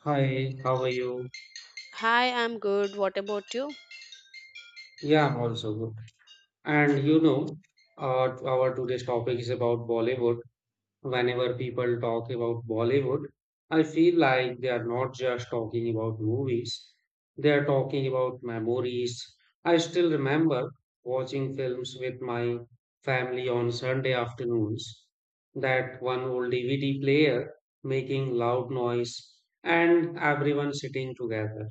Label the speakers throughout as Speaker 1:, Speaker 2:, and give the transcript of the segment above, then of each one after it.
Speaker 1: Hi, how are you?
Speaker 2: Hi, I'm good. What about you?
Speaker 1: Yeah, I'm also good. And you know, our today's topic is about Bollywood. Whenever people talk about Bollywood, I feel like they are not just talking about movies, they are talking about memories. I still remember watching films with my family on Sunday afternoons, that one old DVD player making loud noise, and everyone sitting together.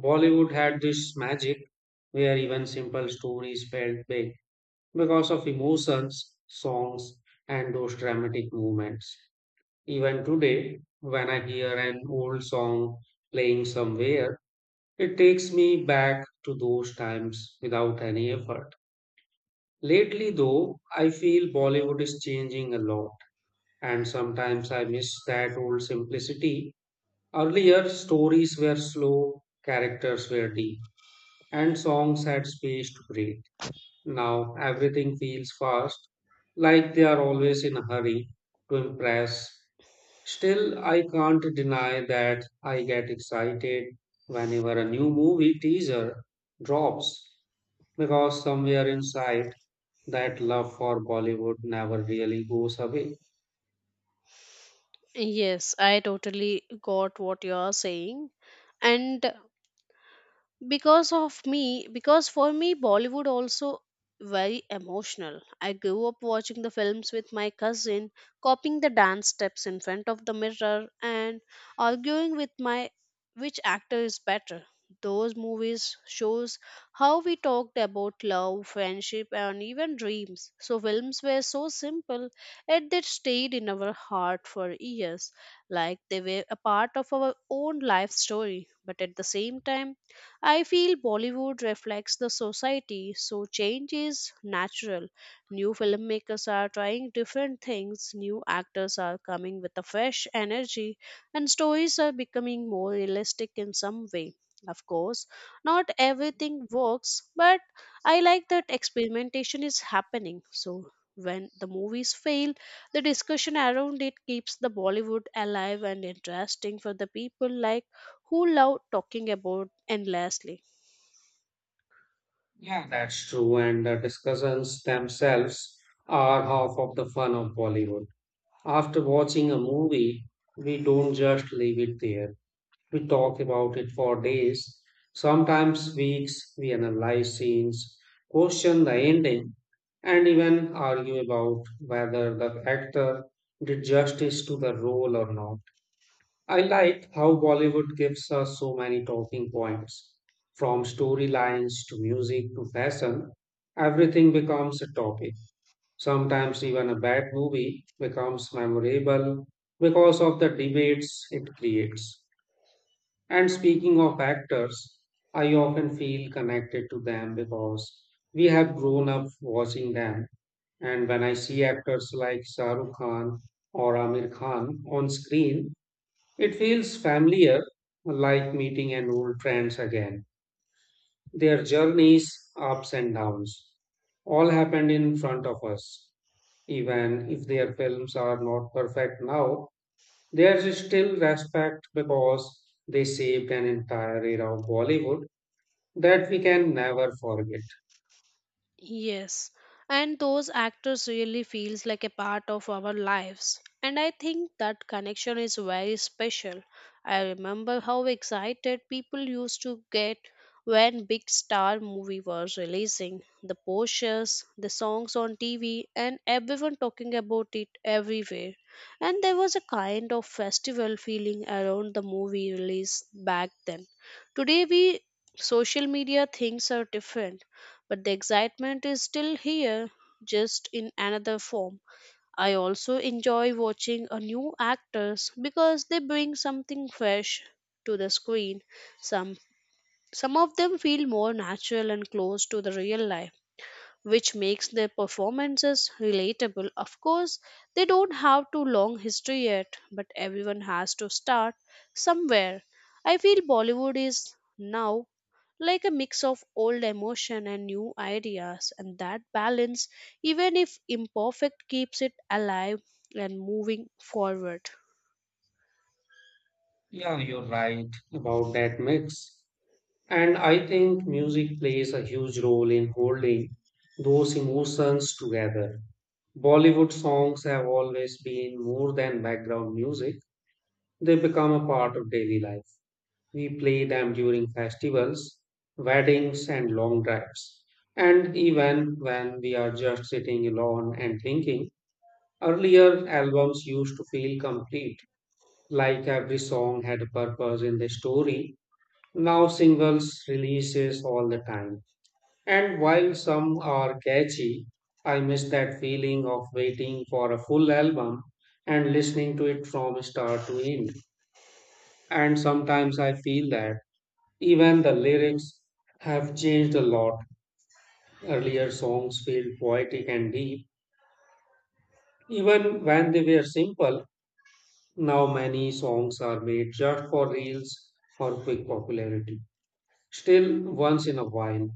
Speaker 1: Bollywood had this magic where even simple stories felt big because of emotions, songs, and those dramatic moments. Even today, when I hear an old song playing somewhere, it takes me back to those times without any effort. Lately, though, I feel Bollywood is changing a lot, and sometimes I miss that old simplicity. Earlier, stories were slow, characters were deep and songs had space to breathe. Now everything feels fast, like they are always in a hurry to impress. Still, I can't deny that I get excited whenever a new movie teaser drops because somewhere inside that love for Bollywood never really goes away.
Speaker 2: Yes, I totally got what you are saying. And because of me because for me bollywood also very emotional. I grew up watching the films with my cousin, copying the dance steps in front of the mirror, and arguing with my which actor is better. Those movies shows how we talked about love friendship and even dreams, so films were so simple yet they stayed in our heart for years, like they were a part of our own life story. But at the same time, I feel Bollywood reflects the society, so change is natural. New filmmakers are trying different things, new actors are coming with a fresh energy, and stories are becoming more realistic in some way. Of course, not everything works, but I like that experimentation is happening. So, when the movies fail, the discussion around it keeps the Bollywood alive and interesting for the people like who love talking about endlessly.
Speaker 1: Yeah. That's true, and the discussions themselves are half of the fun of Bollywood. After watching a movie, we don't just leave it there. We talk about it for days, sometimes weeks. We analyze scenes, question the ending, and even argue about whether the actor did justice to the role or not. I like how Bollywood gives us so many talking points from storylines to music to fashion, everything becomes a topic. Sometimes even a bad movie becomes memorable because of the debates it creates. And speaking of actors, I often feel connected to them because we have grown up watching them. And when I see actors like Shah Rukh Khan or Amir Khan on screen, it feels familiar, like meeting an old friends again. Their journeys, ups and downs, all happened in front of us. Even if their films are not perfect now, there is still respect because they saved an entire era of Bollywood that we can never forget.
Speaker 2: Yes, and those actors really feels like a part of our lives. And I think that connection is very special. I remember how excited people used to get when big star movie was releasing. The posters, the songs on TV, and everyone talking about it everywhere. And there was a kind of festival feeling around the movie release back then. Today we social media things are different, but the excitement is still here, just in another form. I also enjoy watching a new actors because they bring something fresh to the screen. Some some of them feel more natural and close to the real life, which makes their performances relatable. Of course, they don't have too long history yet, but everyone has to start somewhere. I feel Bollywood is now like a mix of old emotion and new ideas, and that balance, even if imperfect, keeps it alive and moving forward.
Speaker 1: Yeah, you're right about that mix. And I think music plays a huge role in holding those emotions together. Bollywood songs have always been more than background music, they become a part of daily life. We play them during festivals, weddings, and long drives. And even when we are just sitting alone and thinking, earlier albums used to feel complete, like every song had a purpose in the story. Now singles releases all the time. And while some are catchy, I miss that feeling of waiting for a full album and listening to it from start to end. And sometimes I feel that even the lyrics have changed a lot. Earlier songs felt poetic and deep, even when they were simple. Now many songs are made just for reels or quick popularity. Still, once in a while,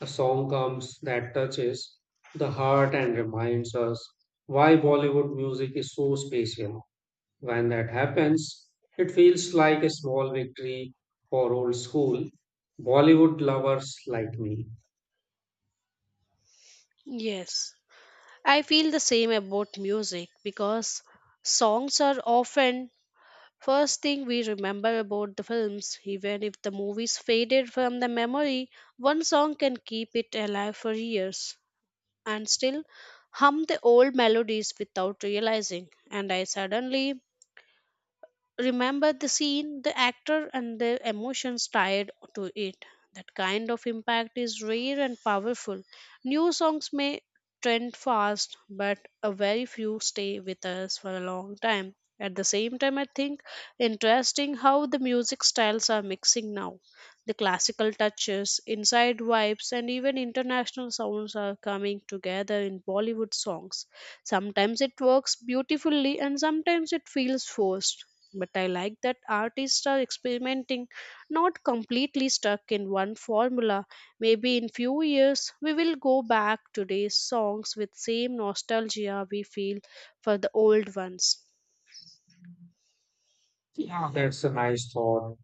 Speaker 1: a song comes that touches the heart and reminds us why Bollywood music is so special. When that happens, it feels like a small victory for old school Bollywood lovers like me.
Speaker 2: Yes, I feel the same about music because songs are often first thing we remember about the films. Even if the movies faded from the memory, one song can keep it alive for years, and still hum the old melodies without realizing. And I suddenly remember the scene, the actor, and the emotions tied to it. That kind of impact is rare and powerful. New songs may trend fast, but a very few stay with us for a long time. At the same time, I think interesting how the music styles are mixing now. The classical touches, inside vibes, and even international sounds are coming together in Bollywood songs. Sometimes it works beautifully and sometimes it feels forced. But I like that artists are experimenting, not completely stuck in one formula. Maybe in few years we will go back to today's songs with same nostalgia we feel for the old ones.
Speaker 1: Yeah, that's a nice thought.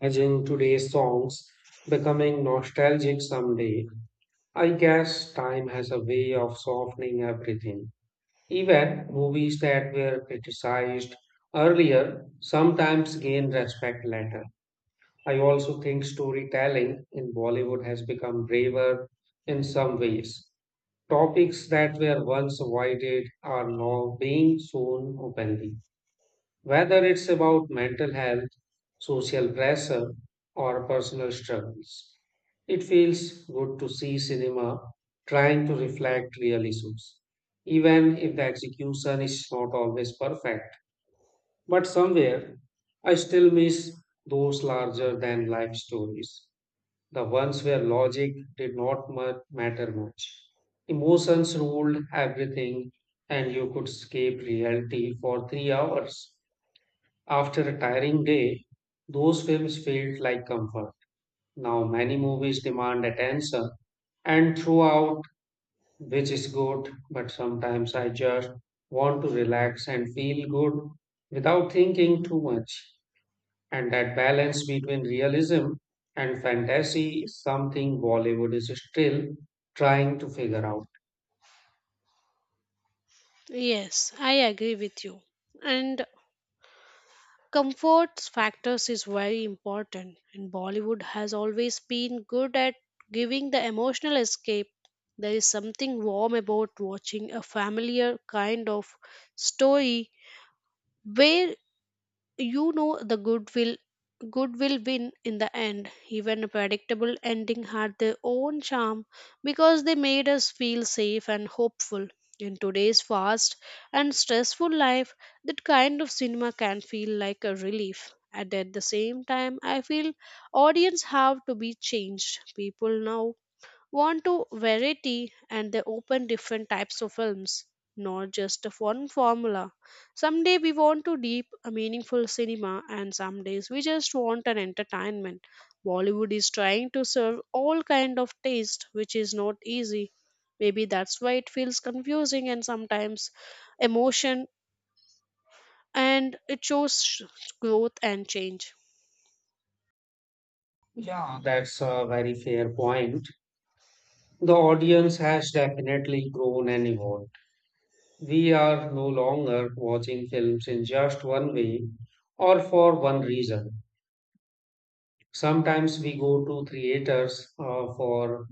Speaker 1: Imagine today's songs becoming nostalgic someday. I guess time has a way of softening everything. Even movies that were criticized earlier sometimes gain respect later. I also think storytelling in Bollywood has become braver in some ways. Topics that were once avoided are now being shown openly whether it's about mental health, social pressure, or personal struggles. It feels good to see cinema trying to reflect real issues, even if the execution is not always perfect. But somewhere, I still miss those larger than life stories, the ones where logic did not matter much. Emotions ruled everything, and you could escape reality for 3 hours after a tiring day, those films felt like comfort. Now, many movies demand attention and throughout, which is good, but sometimes I just want to relax and feel good without thinking too much. And that balance between realism and fantasy is something Bollywood is still trying to figure out.
Speaker 2: Yes, I agree with you. And comfort factors is very important, and Bollywood has always been good at giving the emotional escape. There is something warm about watching a familiar kind of story where you know the good will win in the end. Even a predictable ending had their own charm because they made us feel safe and hopeful. In today's fast and stressful life, that kind of cinema can feel like a relief. And at the same time, I feel audience have to be changed. People now want to variety and they open different types of films, not just of one formula. Someday we want to deep a meaningful cinema, and some days we just want an entertainment. Bollywood is trying to serve all kind of taste, which is not easy. Maybe that's why it feels confusing, and sometimes emotion, and it shows growth and change.
Speaker 1: Yeah, that's a very fair point. The audience has definitely grown and evolved. We are no longer watching films in just one way or for one reason. Sometimes we go to theaters for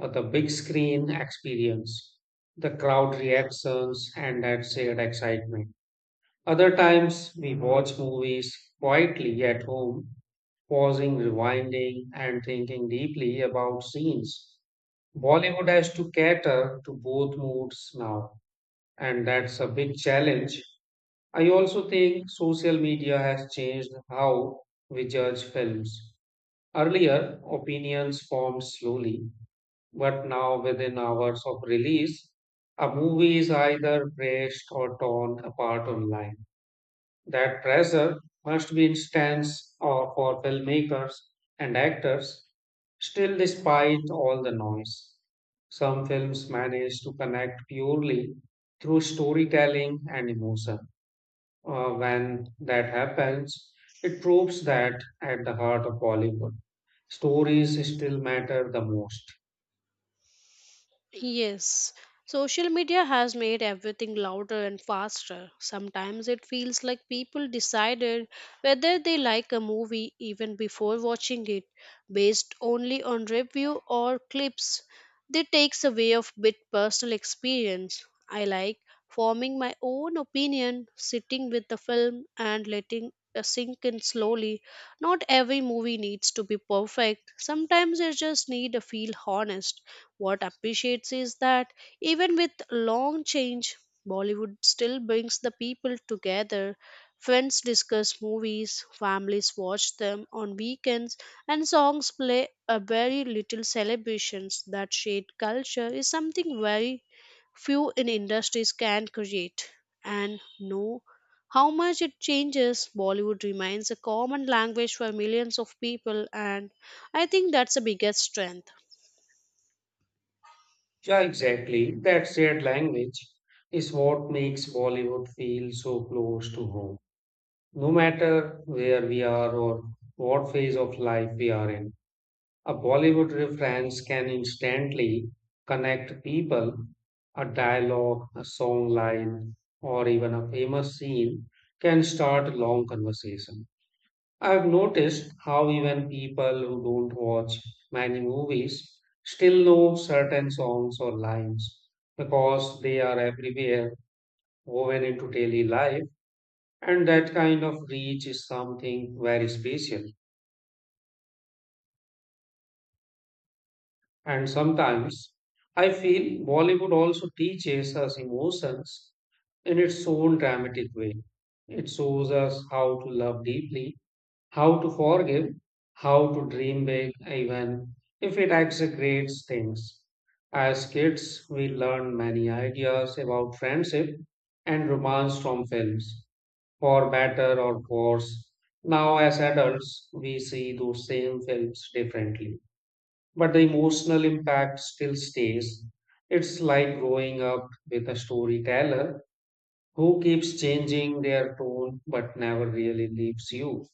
Speaker 1: the big screen experience, the crowd reactions, and that shared excitement. Other times we watch movies quietly at home, pausing, rewinding, and thinking deeply about scenes. Bollywood has to cater to both moods now, and that's a big challenge. I also think social media has changed how we judge films. Earlier, opinions formed slowly, but now within hours of release, a movie is either praised or torn apart online. That pressure must be intense or for filmmakers and actors, still, despite all the noise. Some films manage to connect purely through storytelling and emotion. When that happens, it proves that at the heart of Bollywood, stories still matter the most.
Speaker 2: Yes, social media has made everything louder and faster. Sometimes it feels like people decided whether they like a movie even before watching it, based only on review or clips. That takes away of bit personal experience. I like forming my own opinion, sitting with the film and letting it sink in slowly. Not every movie needs to be perfect. Sometimes you just need to feel honest what appreciates is that even with long change, Bollywood still brings the people together. Friends discuss movies, families watch them on weekends, and songs play a very little celebrations. That shared culture is something very few in industries can create. And know how much it changes, Bollywood remains a common language for millions of people, and I think that's the biggest strength.
Speaker 1: Yeah, exactly. That shared language is what makes Bollywood feel so close to home. No matter where we are or what phase of life we are in, a Bollywood reference can instantly connect people. A dialogue, a song line, or even a famous scene can start a long conversation. I've noticed how even people who don't watch many movies still know certain songs or lines because they are everywhere, woven into daily life, and that kind of reach is something very special. And sometimes I feel Bollywood also teaches us emotions in its own dramatic way. It shows us how to love deeply how to forgive, how to dream big, even if it exaggerates things. As kids, we learn many ideas about friendship and romance from films, for better or worse. Now, as adults, we see those same films differently, but the emotional impact still stays. It's like growing up with a storyteller who keeps changing their tone but never really leaves you.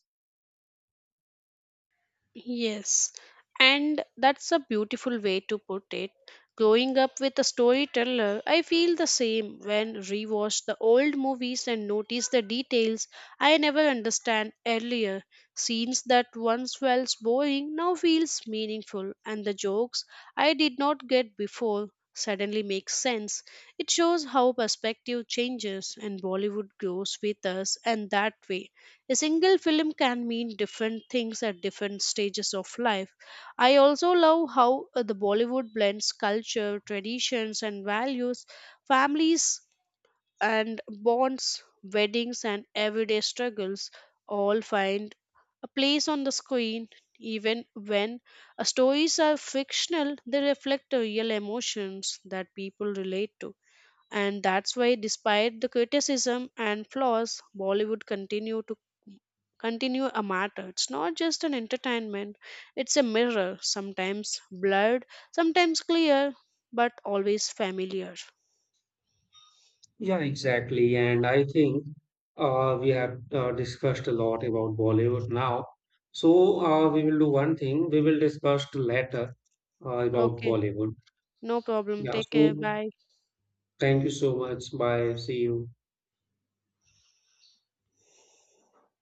Speaker 2: Yes, and that's a beautiful way to put it. Growing up with a storyteller, I feel the same when rewatch the old movies and notice the details I never understand earlier. Scenes that once felt boring now feels meaningful, and the jokes I did not get before suddenly make sense. It shows how perspective changes and Bollywood grows with us and that way. A single film can mean different things at different stages of life. I also love how the Bollywood blends culture, traditions, and values, families and bonds, weddings, and everyday struggles all find a place on the screen. Even when stories are fictional, they reflect the real emotions that people relate to, and that's why despite the criticism and flaws bollywood continue a matter. It's not just an entertainment, it's a mirror, sometimes blurred, sometimes clear, but always familiar.
Speaker 1: Yeah, exactly. And I think we have discussed a lot about Bollywood now. So we will do one thing. We will discuss later about
Speaker 2: Okay,
Speaker 1: Bollywood.
Speaker 2: no problem,
Speaker 1: Yeah.
Speaker 2: take care,
Speaker 1: So
Speaker 2: bye.
Speaker 1: thank you so much. Bye. See you.